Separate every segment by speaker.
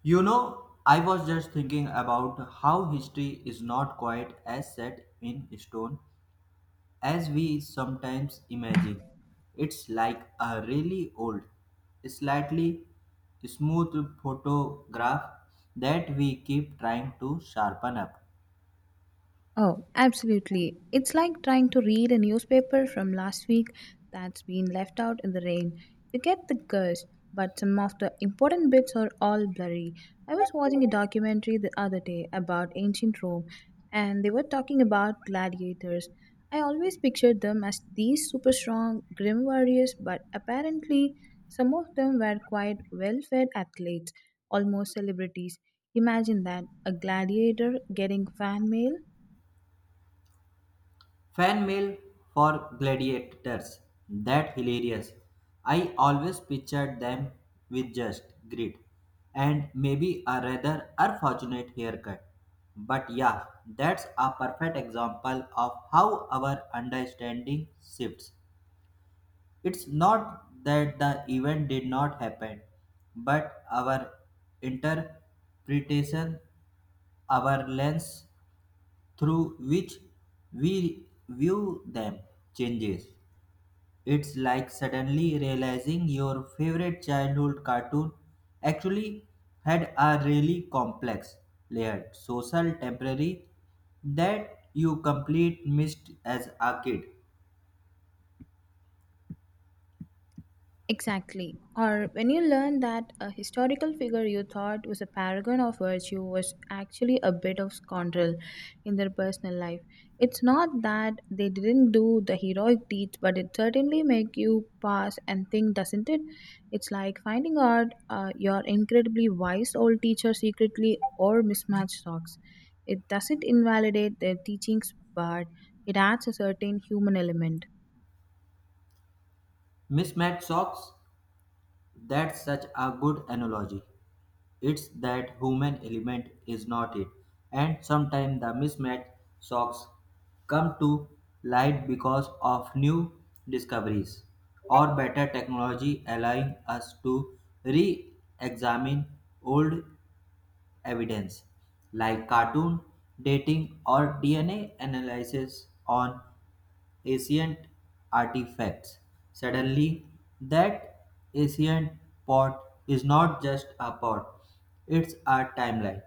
Speaker 1: You know, I was just thinking about how history is not quite as set in stone as we sometimes imagine. It's like a really old, slightly smooth photograph that we keep trying to sharpen up.
Speaker 2: Oh, absolutely. It's like trying to read a newspaper from last week that's been left out in the rain. You get the gist, but some of the important bits are all blurry. I was watching a documentary the other day about ancient Rome, and they were talking about gladiators. I always pictured them as these super strong, grim warriors, but apparently, some of them were quite well fed athletes, almost celebrities. Imagine that a gladiator getting fan mail.
Speaker 1: Fan mail for gladiators. That hilarious. I always pictured them with just grit and maybe a rather unfortunate haircut. But yeah, that's a perfect example of how our understanding shifts. It's not that the event did not happen, but our interpretation, our lens through which we view them changes. It's like suddenly realizing your favorite childhood cartoon actually had a really complex, layered social temporary that you complete missed as a kid.
Speaker 2: Exactly. Or when you learn that a historical figure you thought was a paragon of virtue was actually a bit of scoundrel in their personal life. It's not that they didn't do the heroic deeds, but it certainly make you pause and think, doesn't it? It's like finding out your incredibly wise old teacher secretly or mismatched socks. It doesn't invalidate their teachings, but it adds a certain human element.
Speaker 1: Mismatched socks, that's such a good analogy. It's that human element is not it. And sometimes the mismatch socks come to light because of new discoveries or better technology allowing us to re-examine old evidence like cartoon dating or DNA analysis on ancient artifacts. Suddenly, that ancient pot is not just a pot, it's a timeline.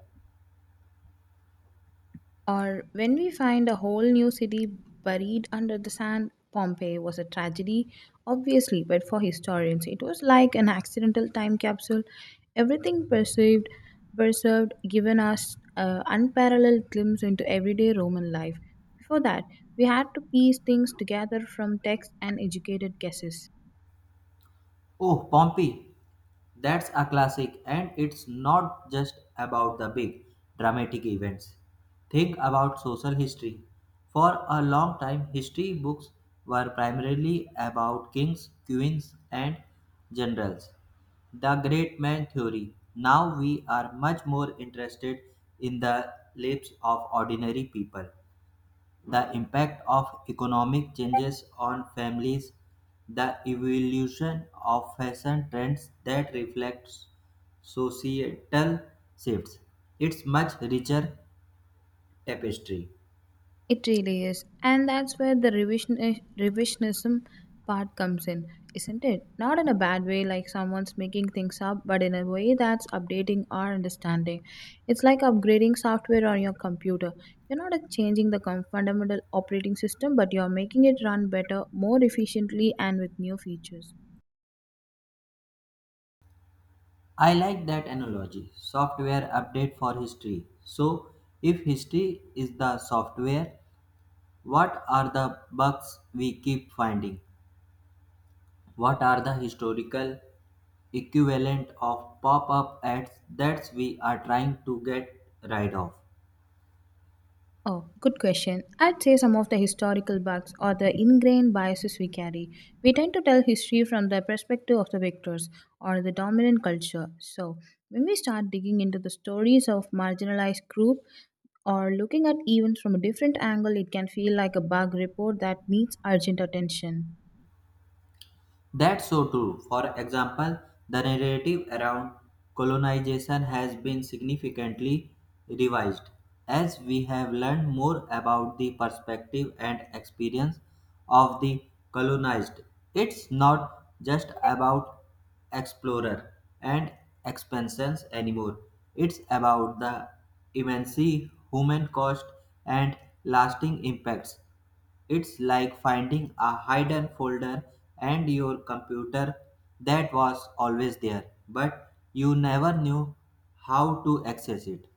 Speaker 2: Or when we find a whole new city buried under the sand, Pompeii was a tragedy, obviously, but for historians, it was like an accidental time capsule. Everything perceived, preserved, given us an unparalleled glimpse into everyday Roman life. Before that, we had to piece things together from texts and educated guesses.
Speaker 1: Oh, Pompey, that's a classic, and it's not just about the big dramatic events. Think about social history. For a long time, history books were primarily about kings, queens, and generals. The great man theory. Now we are much more interested in the lives of ordinary people. The impact of economic changes on families, the evolution of fashion trends that reflects societal shifts. It's much richer tapestry.
Speaker 2: It really is. And that's where the revisionism part comes in, isn't it? Not in a bad way, like someone's making things up, but in a way that's updating our understanding. It's like upgrading software on your computer. You're not changing the fundamental operating system, but you're making it run better, more efficiently, and with new features.
Speaker 1: I like that analogy. Software update for history. So, if history is the software, what are the bugs we keep finding? What are the historical equivalent of pop-up ads that we are trying to get rid of?
Speaker 2: Oh, good question. I'd say some of the historical bugs or the ingrained biases we carry. We tend to tell history from the perspective of the victors or the dominant culture. So, when we start digging into the stories of marginalized group or looking at events from a different angle, it can feel like a bug report that needs urgent attention.
Speaker 1: That's so true. For example, the narrative around colonization has been significantly revised as we have learned more about the perspective and experience of the colonized. It's not just about explorer and expansions anymore. It's about the immense human cost and lasting impacts. It's like finding a hidden folder and your computer that was always there, but you never knew how to access it.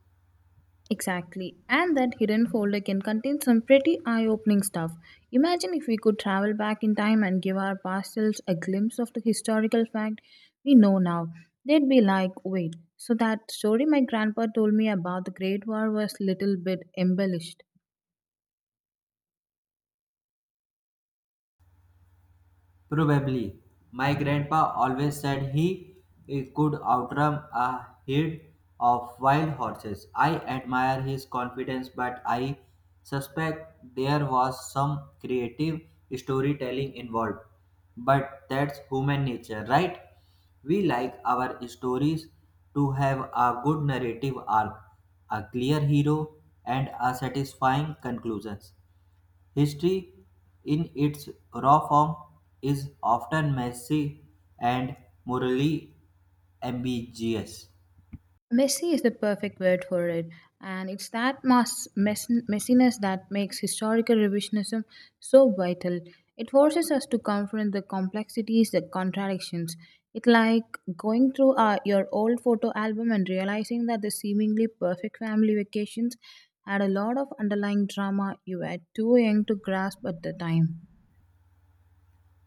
Speaker 2: Exactly. And that hidden folder can contain some pretty eye opening stuff. Imagine if we could travel back in time and give our past selves a glimpse of the historical fact we know now. They'd be like, wait, so that story my grandpa told me about the Great War was little bit embellished.
Speaker 1: Probably. My grandpa always said he could outrun a herd of wild horses. I admire his confidence, but I suspect there was some creative storytelling involved. But that's human nature, right? We like our stories to have a good narrative arc, a clear hero, and a satisfying conclusion. History, in its raw form, is often messy and morally ambiguous.
Speaker 2: Messy is the perfect word for it, and it's that messiness that makes historical revisionism so vital. It forces us to confront the complexities, the contradictions. It's like going through your old photo album and realizing that the seemingly perfect family vacations had a lot of underlying drama you were too young to grasp at the time.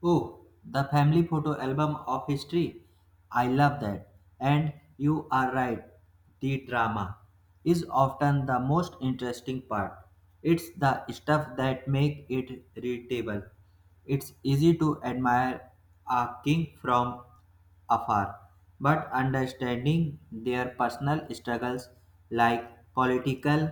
Speaker 1: Oh, the family photo album of history. I love that. And you are right, the drama is often the most interesting part. It's the stuff that make it readable. It's easy to admire a king from afar, but understanding their personal struggles like political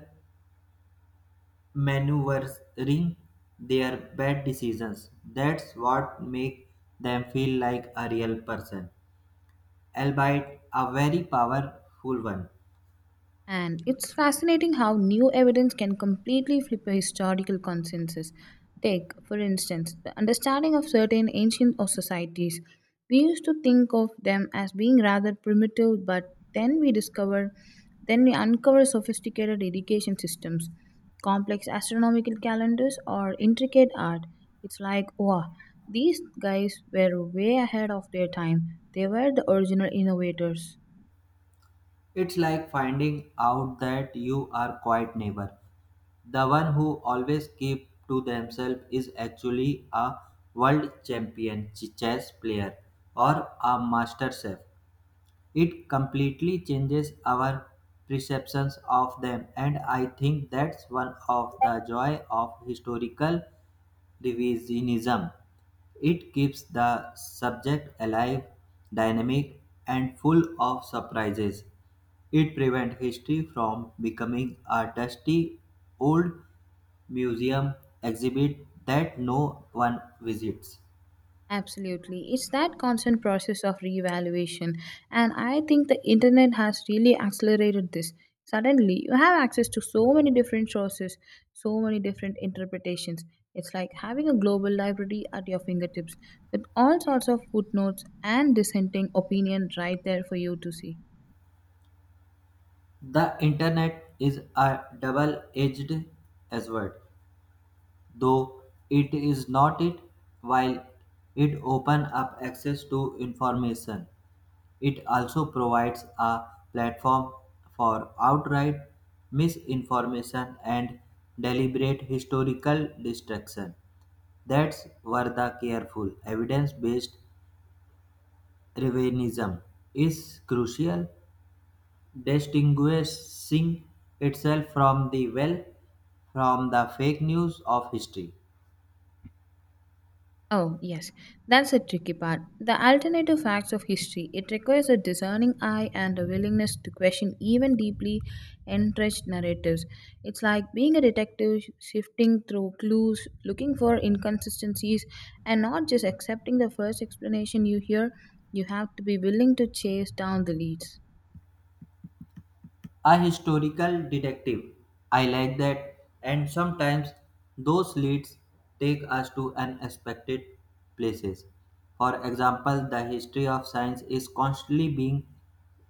Speaker 1: maneuvering their bad decisions. That's what makes them feel like a real person, albeit a very powerful one.
Speaker 2: And it's fascinating how new evidence can completely flip a historical consensus. Take, for instance, the understanding of certain ancient or societies. We used to think of them as being rather primitive, but then we uncover sophisticated education systems, complex astronomical calendars, or intricate art. It's like, wow, these guys were way ahead of their time. They were the original innovators.
Speaker 1: It's like finding out that you are quiet neighbor. The one who always keep to themselves is actually a world champion chess player or a master chef. It completely changes our perceptions of them, and I think that's one of the joy of historical revisionism. It keeps the subject alive, dynamic, and full of surprises. It prevents history from becoming a dusty old museum exhibit that no one visits.
Speaker 2: Absolutely. It's that constant process of reevaluation. And I think the internet has really accelerated this. Suddenly, you have access to so many different sources, so many different interpretations. It's like having a global library at your fingertips with all sorts of footnotes and dissenting opinion right there for you to see.
Speaker 1: The internet is a double edged sword, though, it is not it. While it opens up access to information, it also provides a platform for outright misinformation and deliberate historical destruction. That's where the careful evidence-based revisionism is crucial, distinguishing itself from the well from the fake news of history.
Speaker 2: Oh, yes, that's the tricky part. The alternative facts of history. It requires a discerning eye and a willingness to question even deeply entrenched narratives. It's like being a detective, shifting through clues, looking for inconsistencies, and not just accepting the first explanation you hear. You have to be willing to chase down the leads.
Speaker 1: A historical detective. I like that. And sometimes those leads take us to unexpected places. For example, the history of science is constantly being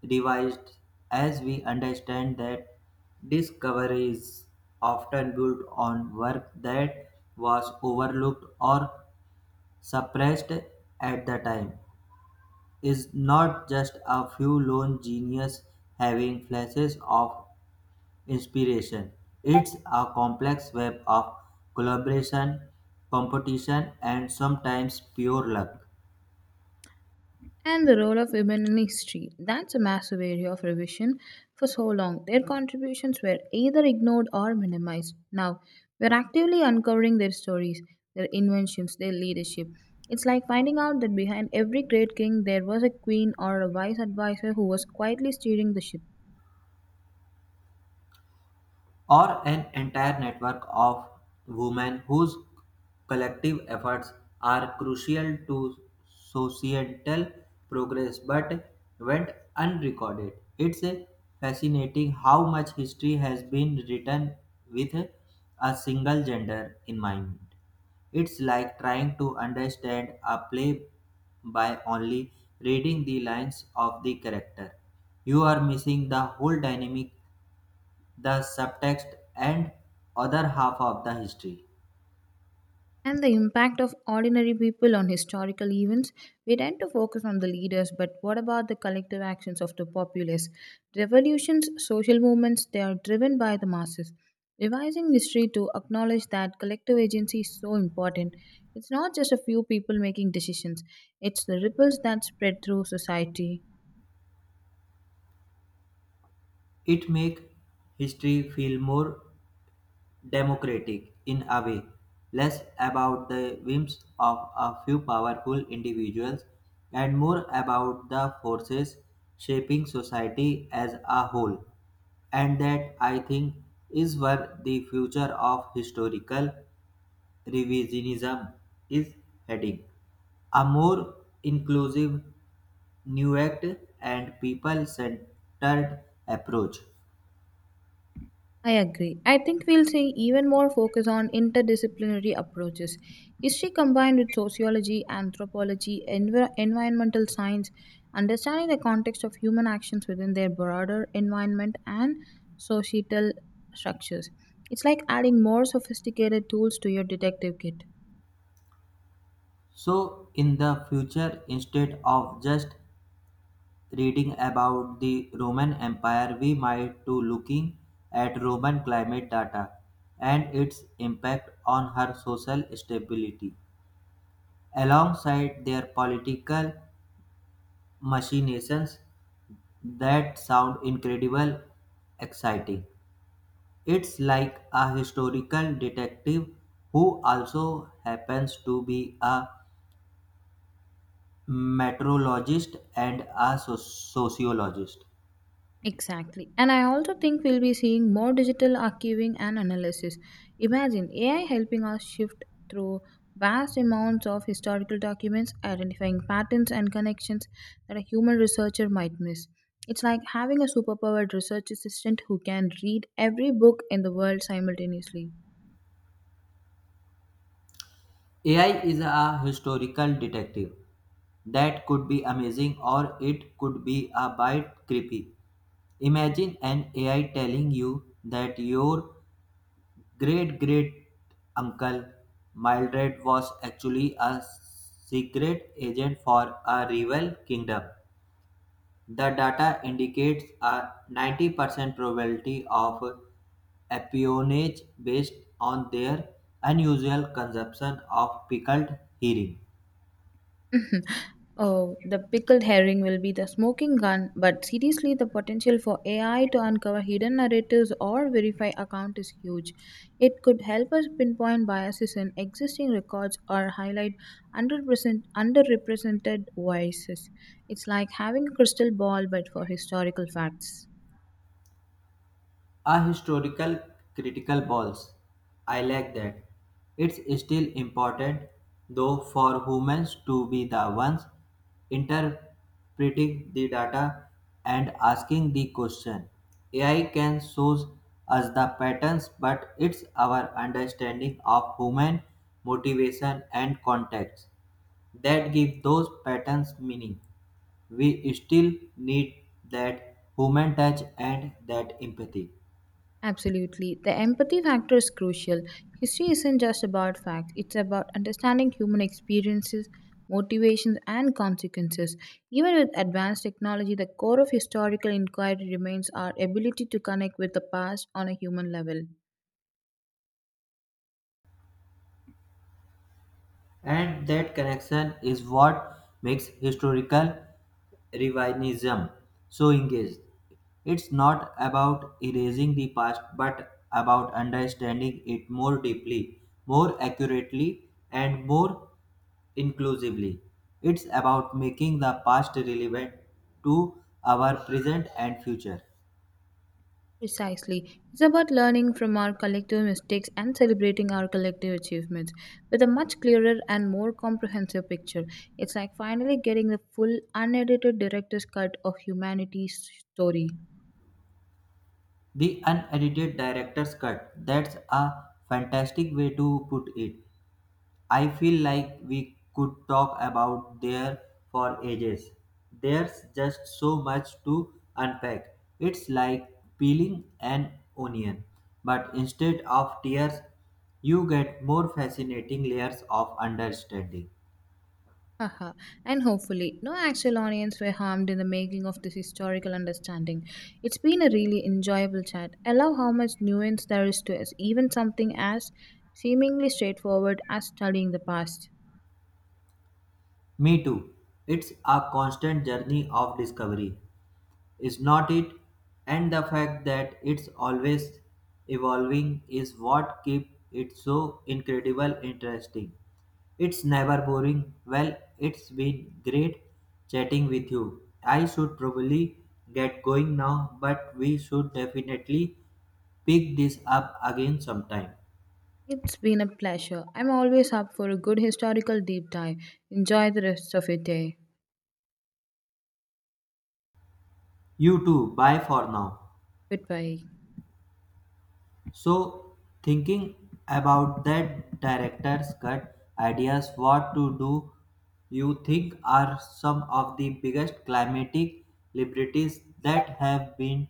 Speaker 1: revised as we understand that discoveries often built on work that was overlooked or suppressed at the time. Is not just a few lone genius having flashes of inspiration. It's a complex web of collaboration, competition, and sometimes pure luck.
Speaker 2: And the role of women in history. That's a massive area of revision. For so long, their contributions were either ignored or minimized. Now, we're actively uncovering their stories, their inventions, their leadership. It's like finding out that behind every great king, there was a queen or a wise advisor who was quietly steering the ship.
Speaker 1: Or an entire network of women whose collective efforts are crucial to societal progress but went unrecorded. It's fascinating how much history has been written with a single gender in mind. It's like trying to understand a play by only reading the lines of the character. You are missing the whole dynamic, the subtext and other half of the history.
Speaker 2: And the impact of ordinary people on historical events, we tend to focus on the leaders, but what about the collective actions of the populace? Revolutions, social movements, they are driven by the masses. Revising history to acknowledge that collective agency is so important. It's not just a few people making decisions, it's the ripples that spread through society.
Speaker 1: It make history feel more democratic in a way, less about the whims of a few powerful individuals and more about the forces shaping society as a whole. And that I think is where the future of historical revisionism is heading, a more inclusive nuact and people centered approach.
Speaker 2: I agree. I think we'll see even more focus on interdisciplinary approaches. History combined with sociology, anthropology, environmental science, understanding the context of human actions within their broader environment and societal structures. It's like adding more sophisticated tools to your detective kit.
Speaker 1: So, in the future, instead of just reading about the Roman Empire, we might to looking at Roman climate data and its impact on her social stability, alongside their political machinations. That sound incredible exciting. It's like a historical detective who also happens to be a meteorologist and a sociologist.
Speaker 2: Exactly. And I also think we'll be seeing more digital archiving and analysis. Imagine AI helping us shift through vast amounts of historical documents, identifying patterns and connections that a human researcher might miss. It's like having a superpowered research assistant who can read every book in the world simultaneously.
Speaker 1: AI is a historical detective. That could be amazing or it could be a bit creepy. Imagine an AI telling you that your great great uncle Mildred was actually a secret agent for a rival kingdom. The data indicates a 90% probability of espionage based on their unusual consumption of pickled herring.
Speaker 2: Mhm. Oh, the pickled herring will be the smoking gun, but seriously, the potential for AI to uncover hidden narratives or verify accounts is huge. It could help us pinpoint biases in existing records or highlight underrepresented voices. It's like having a crystal ball, but for historical facts.
Speaker 1: A historical critical balls. I like that. It's still important though for humans to be the ones interpreting the data and asking the question. AI can show us the patterns, but it's our understanding of human motivation and context that give those patterns meaning. We still need that human touch and that empathy.
Speaker 2: Absolutely. The empathy factor is crucial. History isn't just about facts, it's about understanding human experiences, motivations, and consequences. Even with advanced technology, the core of historical inquiry remains our ability to connect with the past on a human level.
Speaker 1: And that connection is what makes historical revisionism so engaged. It's not about erasing the past, but about understanding it more deeply, more accurately, and more inclusively. It's about making the past relevant to our present and future.
Speaker 2: Precisely. It's about learning from our collective mistakes and celebrating our collective achievements with a much clearer and more comprehensive picture. It's like finally getting the full, unedited director's cut of humanity's story.
Speaker 1: The unedited director's cut, that's a fantastic way to put it. I feel like we could talk about there for ages. There's just so much to unpack. It's like peeling an onion, but instead of tears, you get more fascinating layers of understanding.
Speaker 2: Haha. And hopefully, no actual audience were harmed in the making of this historical understanding. It's been a really enjoyable chat. I love how much nuance there is to us, even something as seemingly straightforward as studying the past.
Speaker 1: Me too. It's a constant journey of discovery. Is not it, and the fact that it's always evolving is what keeps it so incredible interesting. It's never boring. Well, it's been great chatting with you. I should probably get going now, but we should definitely pick this up again sometime.
Speaker 2: It's been a pleasure. I'm always up for a good historical deep dive. Enjoy the rest of your day.
Speaker 1: You too, bye for now.
Speaker 2: Goodbye.
Speaker 1: So, thinking about that director's cut ideas, what to do you think are some of the biggest climatic liberties that have been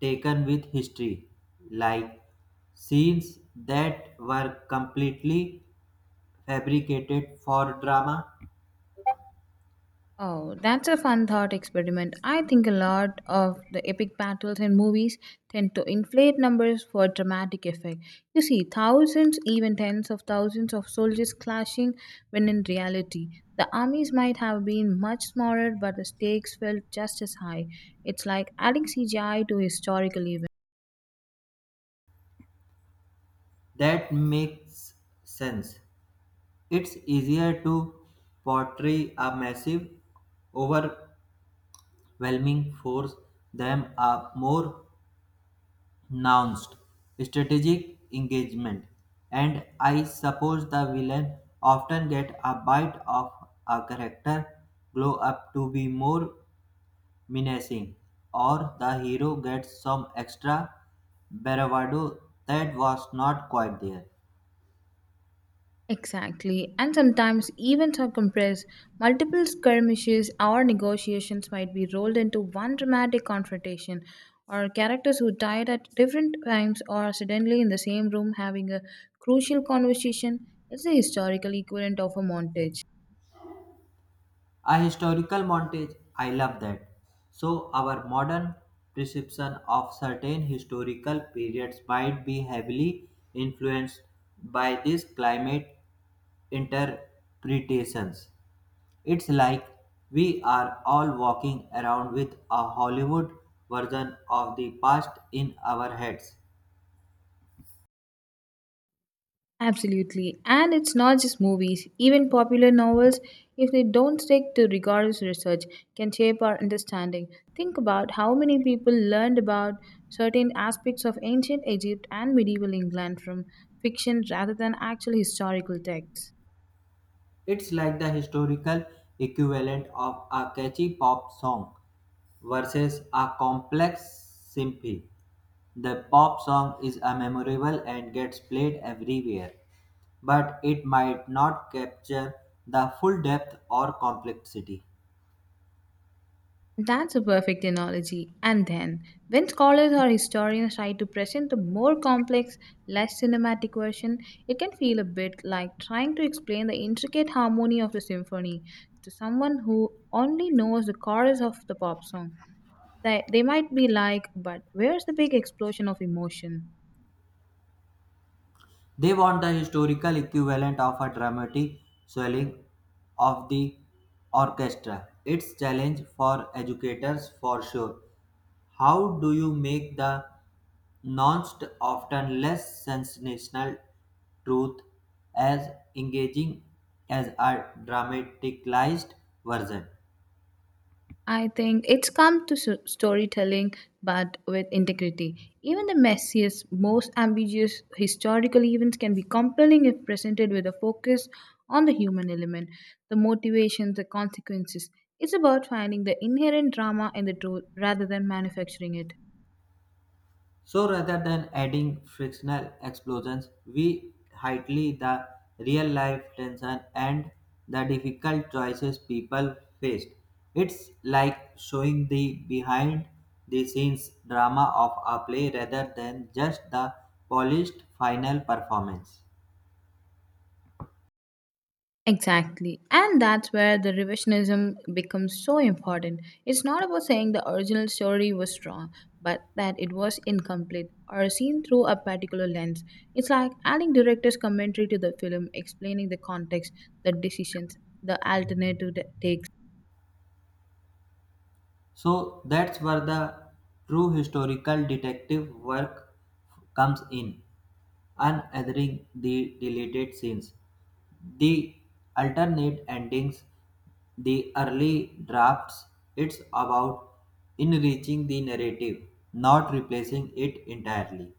Speaker 1: taken with history, like scenes that were completely fabricated for drama?
Speaker 2: Oh, that's a fun thought experiment. I think a lot of the epic battles in movies tend to inflate numbers for dramatic effect. You see, thousands, even tens of thousands of soldiers clashing, when in reality, the armies might have been much smaller, but the stakes felt just as high. It's like adding CGI to historical events.
Speaker 1: That makes sense. It's easier to portray a massive over overwhelming force them a more nuanced strategic engagement, and I suppose the villain often get a bite of a character glow up to be more menacing, or the hero gets some extra bravado that was not quite there.
Speaker 2: Exactly. And sometimes events are compressed. Multiple skirmishes or negotiations might be rolled into one dramatic confrontation, or characters who died at different times are suddenly in the same room having a crucial conversation. It's the historical equivalent of a montage.
Speaker 1: A historical montage, I love that. So, our modern perception of certain historical periods might be heavily influenced by these climate interpretations. It's like we are all walking around with a Hollywood version of the past in our heads.
Speaker 2: Absolutely. And it's not just movies. Even popular novels, if they don't stick to rigorous research, can shape our understanding. Think about how many people learned about certain aspects of ancient Egypt and medieval England from fiction rather than actual historical texts.
Speaker 1: It's like the historical equivalent of a catchy pop song versus a complex symphony. The pop song is a memorable and gets played everywhere, but it might not capture the full depth or complexity.
Speaker 2: That's a perfect analogy. And then, when scholars or historians try to present a more complex, less cinematic version, it can feel a bit like trying to explain the intricate harmony of the symphony to someone who only knows the chorus of the pop song. They might be like, but where's the big explosion of emotion?
Speaker 1: They want the historical equivalent of a dramatic swelling of the orchestra. It's challenge for educators for sure. How do you make the nuanced, often less sensational truth as engaging as a dramatized version?
Speaker 2: I think it's come to storytelling, but with integrity. Even the messiest, most ambiguous historical events can be compelling if presented with a focus on the human element, the motivations, the consequences. It's about finding the inherent drama in the truth rather than manufacturing it.
Speaker 1: So rather than adding frictional explosions, we highlight the real life tension and the difficult choices people faced. It's like showing the behind the scenes drama of a play rather than just the polished final performance.
Speaker 2: Exactly. And that's where the revisionism becomes so important. It's not about saying the original story was wrong, but that it was incomplete or seen through a particular lens. It's like adding director's commentary to the film, explaining the context, the decisions, the alternative takes.
Speaker 1: So that's where the true historical detective work comes in, unearthing the deleted scenes, the alternate endings, the early drafts. It's about enriching the narrative, not replacing it entirely.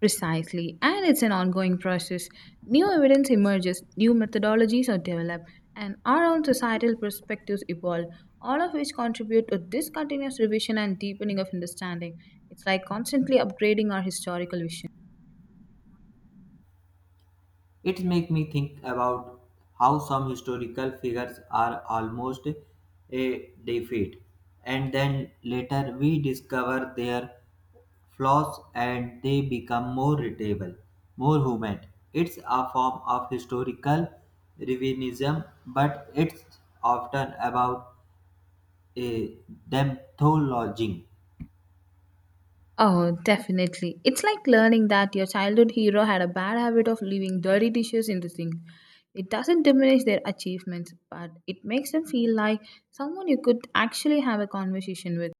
Speaker 2: Precisely, and it's an ongoing process. New evidence emerges, new methodologies are developed, and our own societal perspectives evolve, all of which contribute to this continuous revision and deepening of understanding. It's like constantly upgrading our historical vision.
Speaker 1: It makes me think about how some historical figures are almost a defeat, and then later we discover their flaws and they become more readable, more human. It's a form of historical revisionism, but it's often about a them thologing.
Speaker 2: Oh, definitely. It's like learning that your childhood hero had a bad habit of leaving dirty dishes in the sink. It doesn't diminish their achievements, but it makes them feel like someone you could actually have a conversation with.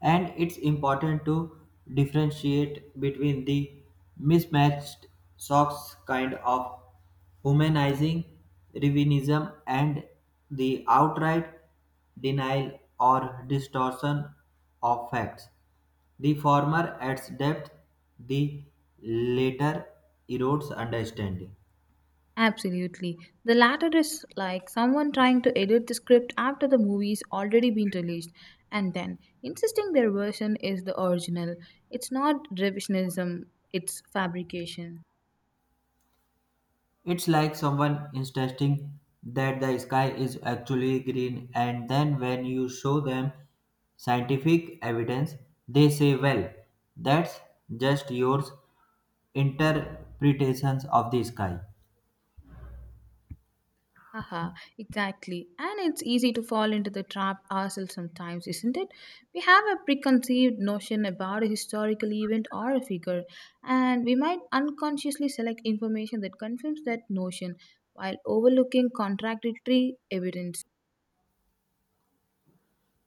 Speaker 1: And it's important to differentiate between the mismatched socks kind of humanizing revinism and the outright denial or distortion of facts. The former adds depth, the latter erodes understanding.
Speaker 2: Absolutely. The latter is like someone trying to edit the script after the movie's already been released and then insisting their version is the original. It's not revisionism, it's fabrication.
Speaker 1: It's like someone insisting that the sky is actually green, and then when you show them scientific evidence, they say, well, that's just yours interpretations of the sky.
Speaker 2: Haha, exactly. And it's easy to fall into the trap ourselves sometimes, isn't it? We have a preconceived notion about a historical event or a figure, and we might unconsciously select information that confirms that notion while overlooking contradictory evidence.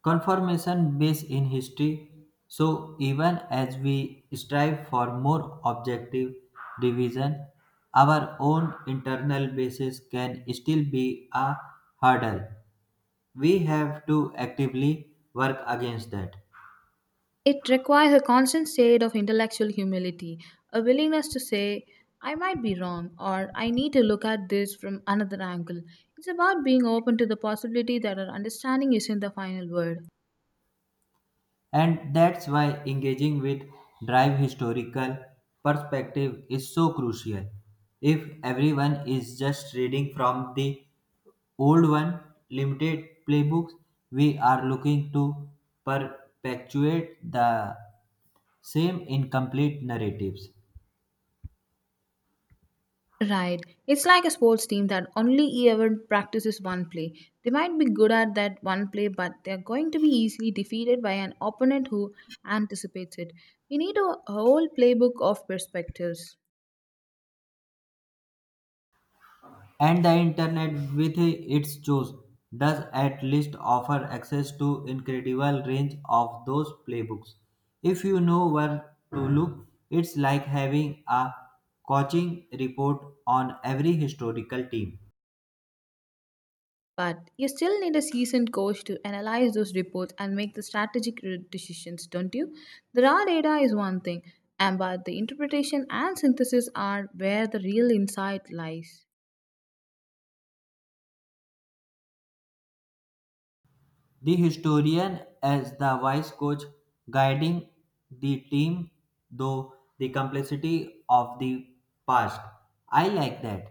Speaker 1: Confirmation based in history, so even as we strive for more objective division, our own internal basis can still be a hurdle. We have to actively work against that.
Speaker 2: It requires a constant state of intellectual humility, a willingness to say, I might be wrong, or I need to look at this from another angle. It's about being open to the possibility that our understanding isn't the final word.
Speaker 1: And that's why engaging with drive historical perspective is so crucial. If everyone is just reading from the old one limited playbooks, we are looking to perpetuate the same incomplete narratives.
Speaker 2: Right. It's like a sports team that only ever practices one play. They might be good at that one play, but they're going to be easily defeated by an opponent who anticipates it. We need a whole playbook of perspectives.
Speaker 1: And the internet with its tools does at least offer access to incredible range of those playbooks if you know where to look. It's like having a coaching report on every historical team.
Speaker 2: But you still need a seasoned coach to analyze those reports and make the strategic decisions, don't you? The raw data is one thing, and but the interpretation and synthesis are where the real insight lies.
Speaker 1: The historian as the wise coach guiding the team through the complexity of the past. I like that.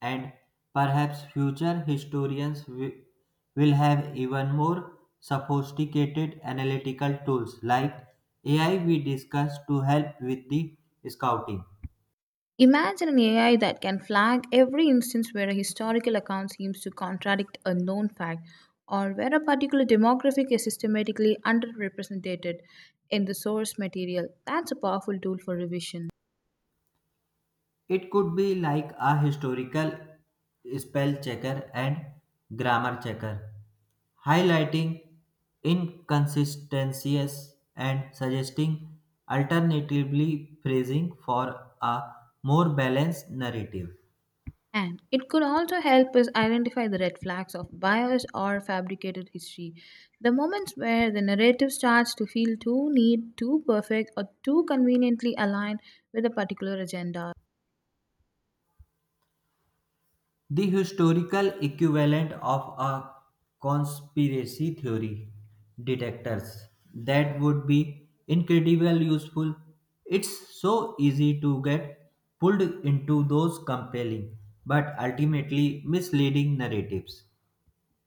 Speaker 1: And perhaps future historians will have even more sophisticated analytical tools like AI we discussed to help with the scouting.
Speaker 2: Imagine an AI that can flag every instance where a historical account seems to contradict a known fact or where a particular demographic is systematically underrepresented in the source material. That's a powerful tool for revision.
Speaker 1: It could be like a historical spell checker and grammar checker, highlighting inconsistencies and suggesting alternatively phrasing for a more balanced narrative.
Speaker 2: And it could also help us identify the red flags of bias or fabricated history. The moments where the narrative starts to feel too neat, too perfect, or too conveniently aligned with a particular agenda.
Speaker 1: The historical equivalent of a conspiracy theory detectors, that would be incredibly useful. It's so easy to get pulled into those compelling but ultimately misleading narratives.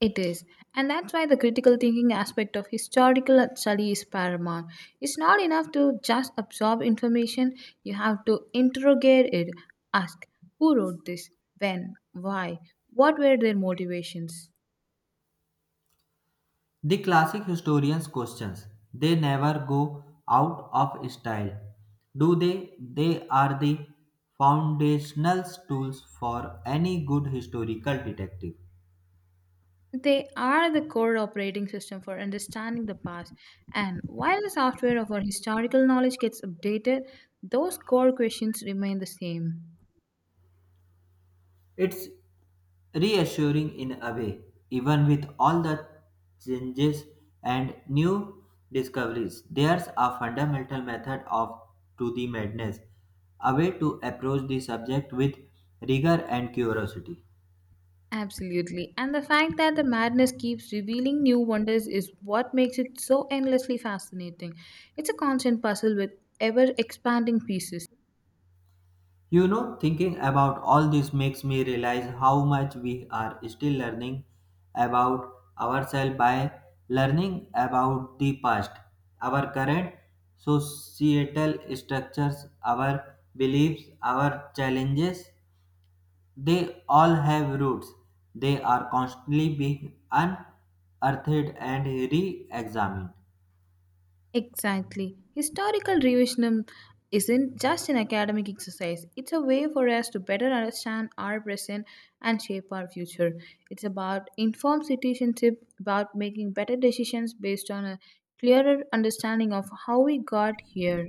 Speaker 2: It is. And that's why the critical thinking aspect of historical study is paramount. It's not enough to just absorb information, you have to interrogate it. Ask who wrote this, when, why, what were their motivations.
Speaker 1: The classic historians' questions, they never go out of style, do they? They are the foundational tools for any good historical detective.
Speaker 2: They are the core operating system for understanding the past. And while the software of our historical knowledge gets updated, those core questions remain the same.
Speaker 1: It's reassuring in a way, even with all the changes and new discoveries. There's a fundamental method of to the madness, a way to approach the subject with rigor and curiosity.
Speaker 2: Absolutely. And the fact that the madness keeps revealing new wonders is what makes it so endlessly fascinating. It's a constant puzzle with ever expanding pieces.
Speaker 1: You know, thinking about all this makes me realize how much we are still learning about ourselves by learning about the past, our current societal structures, our beliefs, our challenges. They all have roots. They are constantly being unearthed and re examined.
Speaker 2: Exactly. Historical revisionism isn't just an academic exercise, it's a way for us to better understand our present and shape our future. It's about informed citizenship, about making better decisions based on a clearer understanding of how we got here.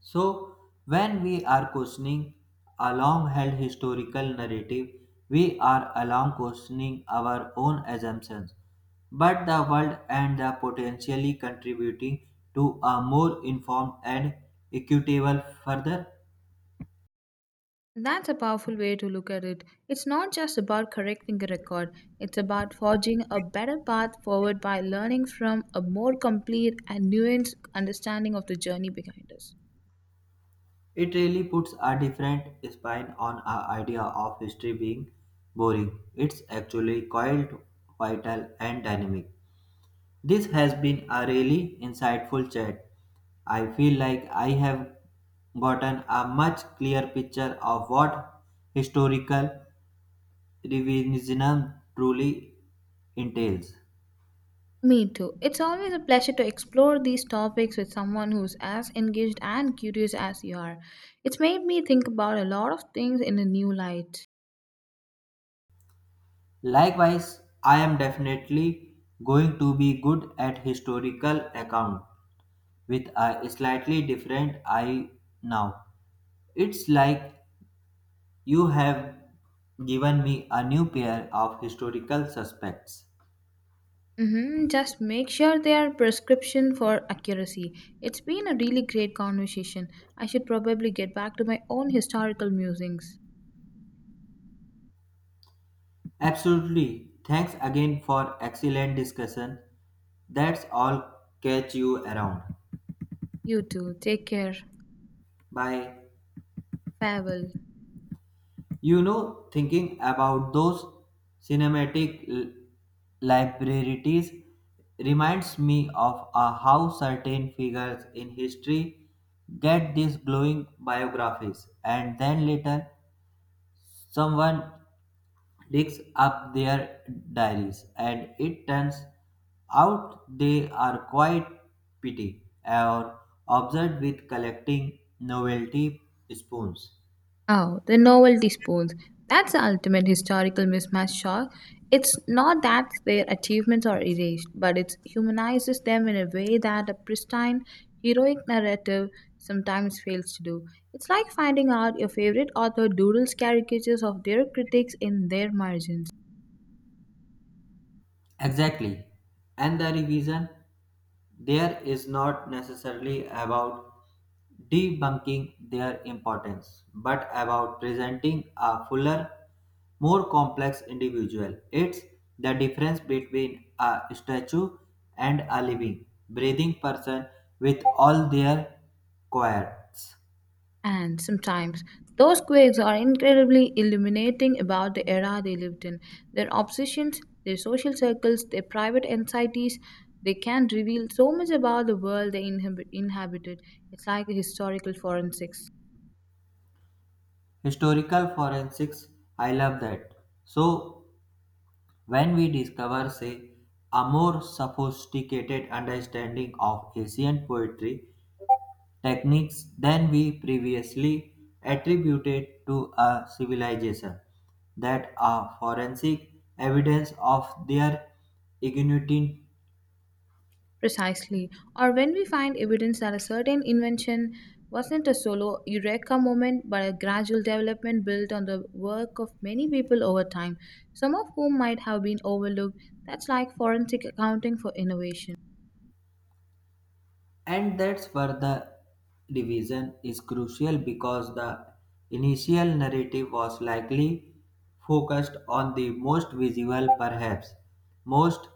Speaker 1: So, when we are questioning a long held historical narrative, we are along questioning our own assumptions, but the world and the potentially contributing to a more informed and equitable further.
Speaker 2: That's a powerful way to look at it. It's not just about correcting a record, it's about forging a better path forward by learning from a more complete and nuanced understanding of the journey behind us.
Speaker 1: It really puts a different spin on our idea of history being boring. It's actually quite vital and dynamic. This has been a really insightful chat. I feel like I have gotten a much clearer picture of what historical revisionism truly entails.
Speaker 2: Me too. It's always a pleasure to explore these topics with someone who's as engaged and curious as you are. It's made me think about a lot of things in a new light.
Speaker 1: Likewise, I am definitely going to be good at historical account with a slightly different eye now. It's like you have given me a new pair of historical suspects.
Speaker 2: Mm-hmm. Just make sure they are prescription for accuracy. It's been a really great conversation. I should probably get back to my own historical musings.
Speaker 1: Absolutely. Thanks again for excellent discussion. That's all, catch you around.
Speaker 2: You too. Take care.
Speaker 1: Bye.
Speaker 2: Farewell.
Speaker 1: You know, thinking about those cinematic libraries reminds me of how certain figures in history get these glowing biographies and then later someone digs up their diaries, and it turns out they are quite petty or obsessed with collecting novelty spoons.
Speaker 2: Oh, the novelty spoons. That's the ultimate historical mismatch shock. It's not that their achievements are erased, but it humanizes them in a way that a pristine, heroic narrative sometimes fails to do. It's like finding out your favorite author doodles caricatures of their critics in their margins.
Speaker 1: Exactly. And the revision there is not necessarily about debunking their importance, but about presenting a fuller, more complex individual. It's the difference between a statue and a living, breathing person with all their quirks.
Speaker 2: And sometimes those quakes are incredibly illuminating about the era they lived in. Their obsessions, their social circles, their private anxieties, they can reveal so much about the world they inhabited. It's like a historical forensics.
Speaker 1: Historical forensics, I love that. So when we discover, say, a more sophisticated understanding of Asian poetry techniques than we previously attributed to a civilization, that are forensic evidence of their ingenuity,
Speaker 2: Precisely. Or when we find evidence that a certain invention wasn't a solo eureka moment but a gradual development built on the work of many people over time, some of whom might have been overlooked. That's like forensic accounting for innovation.
Speaker 1: and that's where the division is crucial because the initial narrative was likely focused on the most visual, perhaps most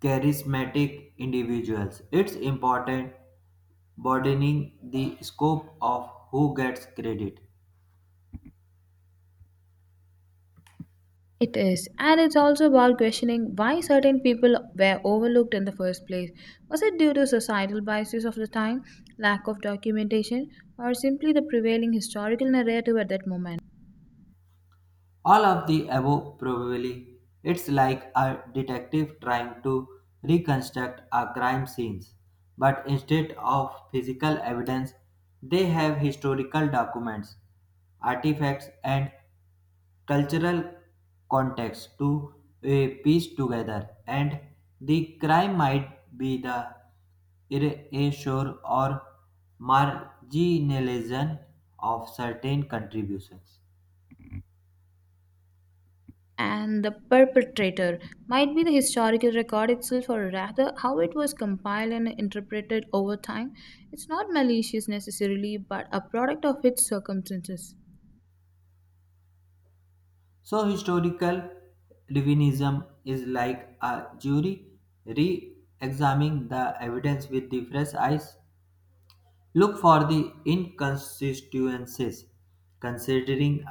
Speaker 1: charismatic individuals. It's important broadening the scope of who gets credit.
Speaker 2: It is, and it's also about questioning why certain people were overlooked in the first place. Was it due to societal biases of the time, lack of documentation, or simply the prevailing historical narrative at that moment?
Speaker 1: All of the above probably, it's like a detective trying to reconstruct a crime scene, but instead of physical evidence, they have historical documents, artifacts, and cultural context to piece together, and the crime might be the erasure or marginalization of certain contributions.
Speaker 2: And the perpetrator might be the historical record itself, or rather how it was compiled and interpreted over time. It's not malicious necessarily, but a product of its circumstances.
Speaker 1: So historical revisionism is like a jury re-examining the evidence with the fresh eyes, look for the inconsistencies, considering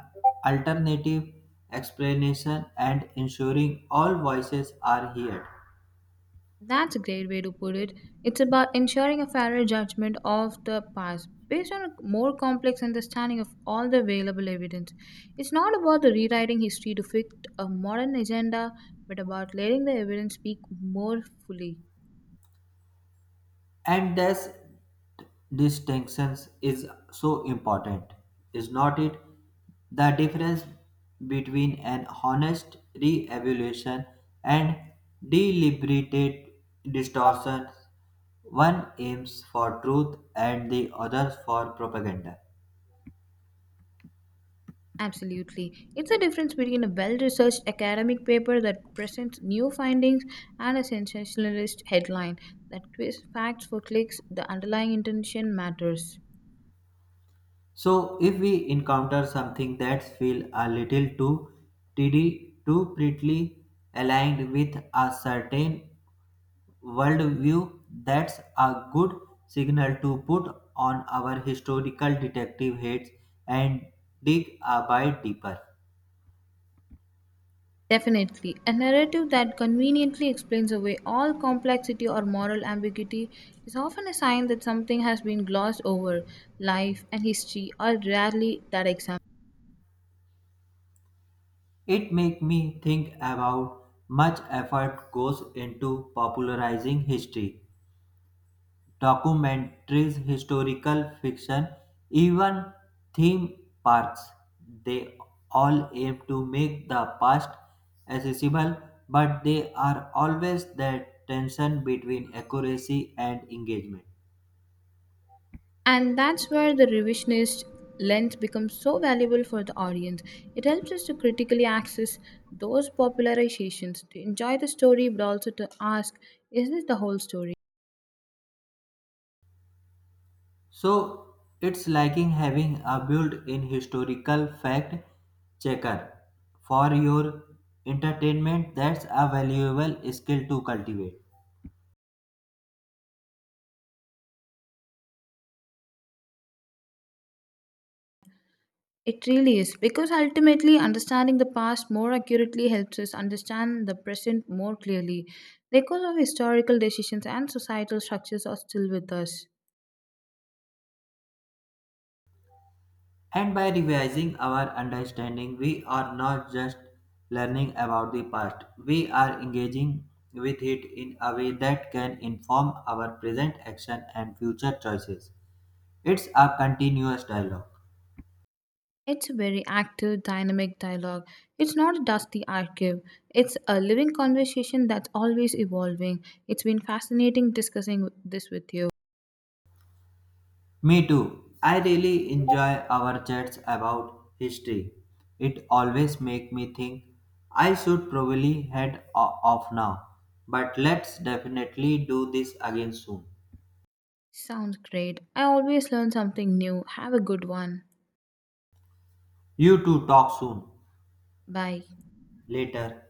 Speaker 1: alternative explanation and ensuring all voices are heard.
Speaker 2: That's a great way to put it. It's about ensuring a fairer judgment of the past based on a more complex understanding of all the available evidence. It's not about the rewriting history to fit a modern agenda, but about letting the evidence speak more fully.
Speaker 1: And this distinctions is so important, is not it? The difference between an honest re-evaluation and deliberate distortion, one aims for truth and the other for propaganda.
Speaker 2: Absolutely. It's a difference between a well researched academic paper that presents new findings and a sensationalist headline that twists facts for clicks. The underlying intention matters.
Speaker 1: So if we encounter something that feels a little too tidy, too prettily aligned with a certain worldview, that's a good signal to put on our historical detective heads and dig a bit deeper.
Speaker 2: Definitely. A narrative that conveniently explains away all complexity or moral ambiguity is often a sign that something has been glossed over. Life and history are rarely that example.
Speaker 1: It makes me think about much effort goes into popularizing history, documentaries, historical fiction, even theme parks. They all aim to make the past accessible, but they are always that tension between accuracy and engagement.
Speaker 2: And that's where the revisionist lens becomes so valuable for the audience. It helps us to critically access those popularizations, to enjoy the story, but also to ask, is this the whole story?
Speaker 1: So it's like in having a built-in historical fact checker for your entertainment. That's a valuable skill to cultivate.
Speaker 2: It really is, because ultimately understanding the past more accurately helps us understand the present more clearly. The echoes of historical decisions and societal structures are still with us.
Speaker 1: And by revising our understanding, we are not just learning about the past, we are engaging with it in a way that can inform our present action and future choices. It's a continuous dialogue.
Speaker 2: It's a very active, dynamic dialogue. It's not a dusty archive. It's a living conversation that's always evolving. It's been fascinating discussing this with you.
Speaker 1: Me too. I really enjoy our chats about history. It always makes me think I should probably head off now, but let's definitely do this again soon.
Speaker 2: Sounds great. I always learn something new. Have a good one.
Speaker 1: You two talk soon.
Speaker 2: Bye.
Speaker 1: Later.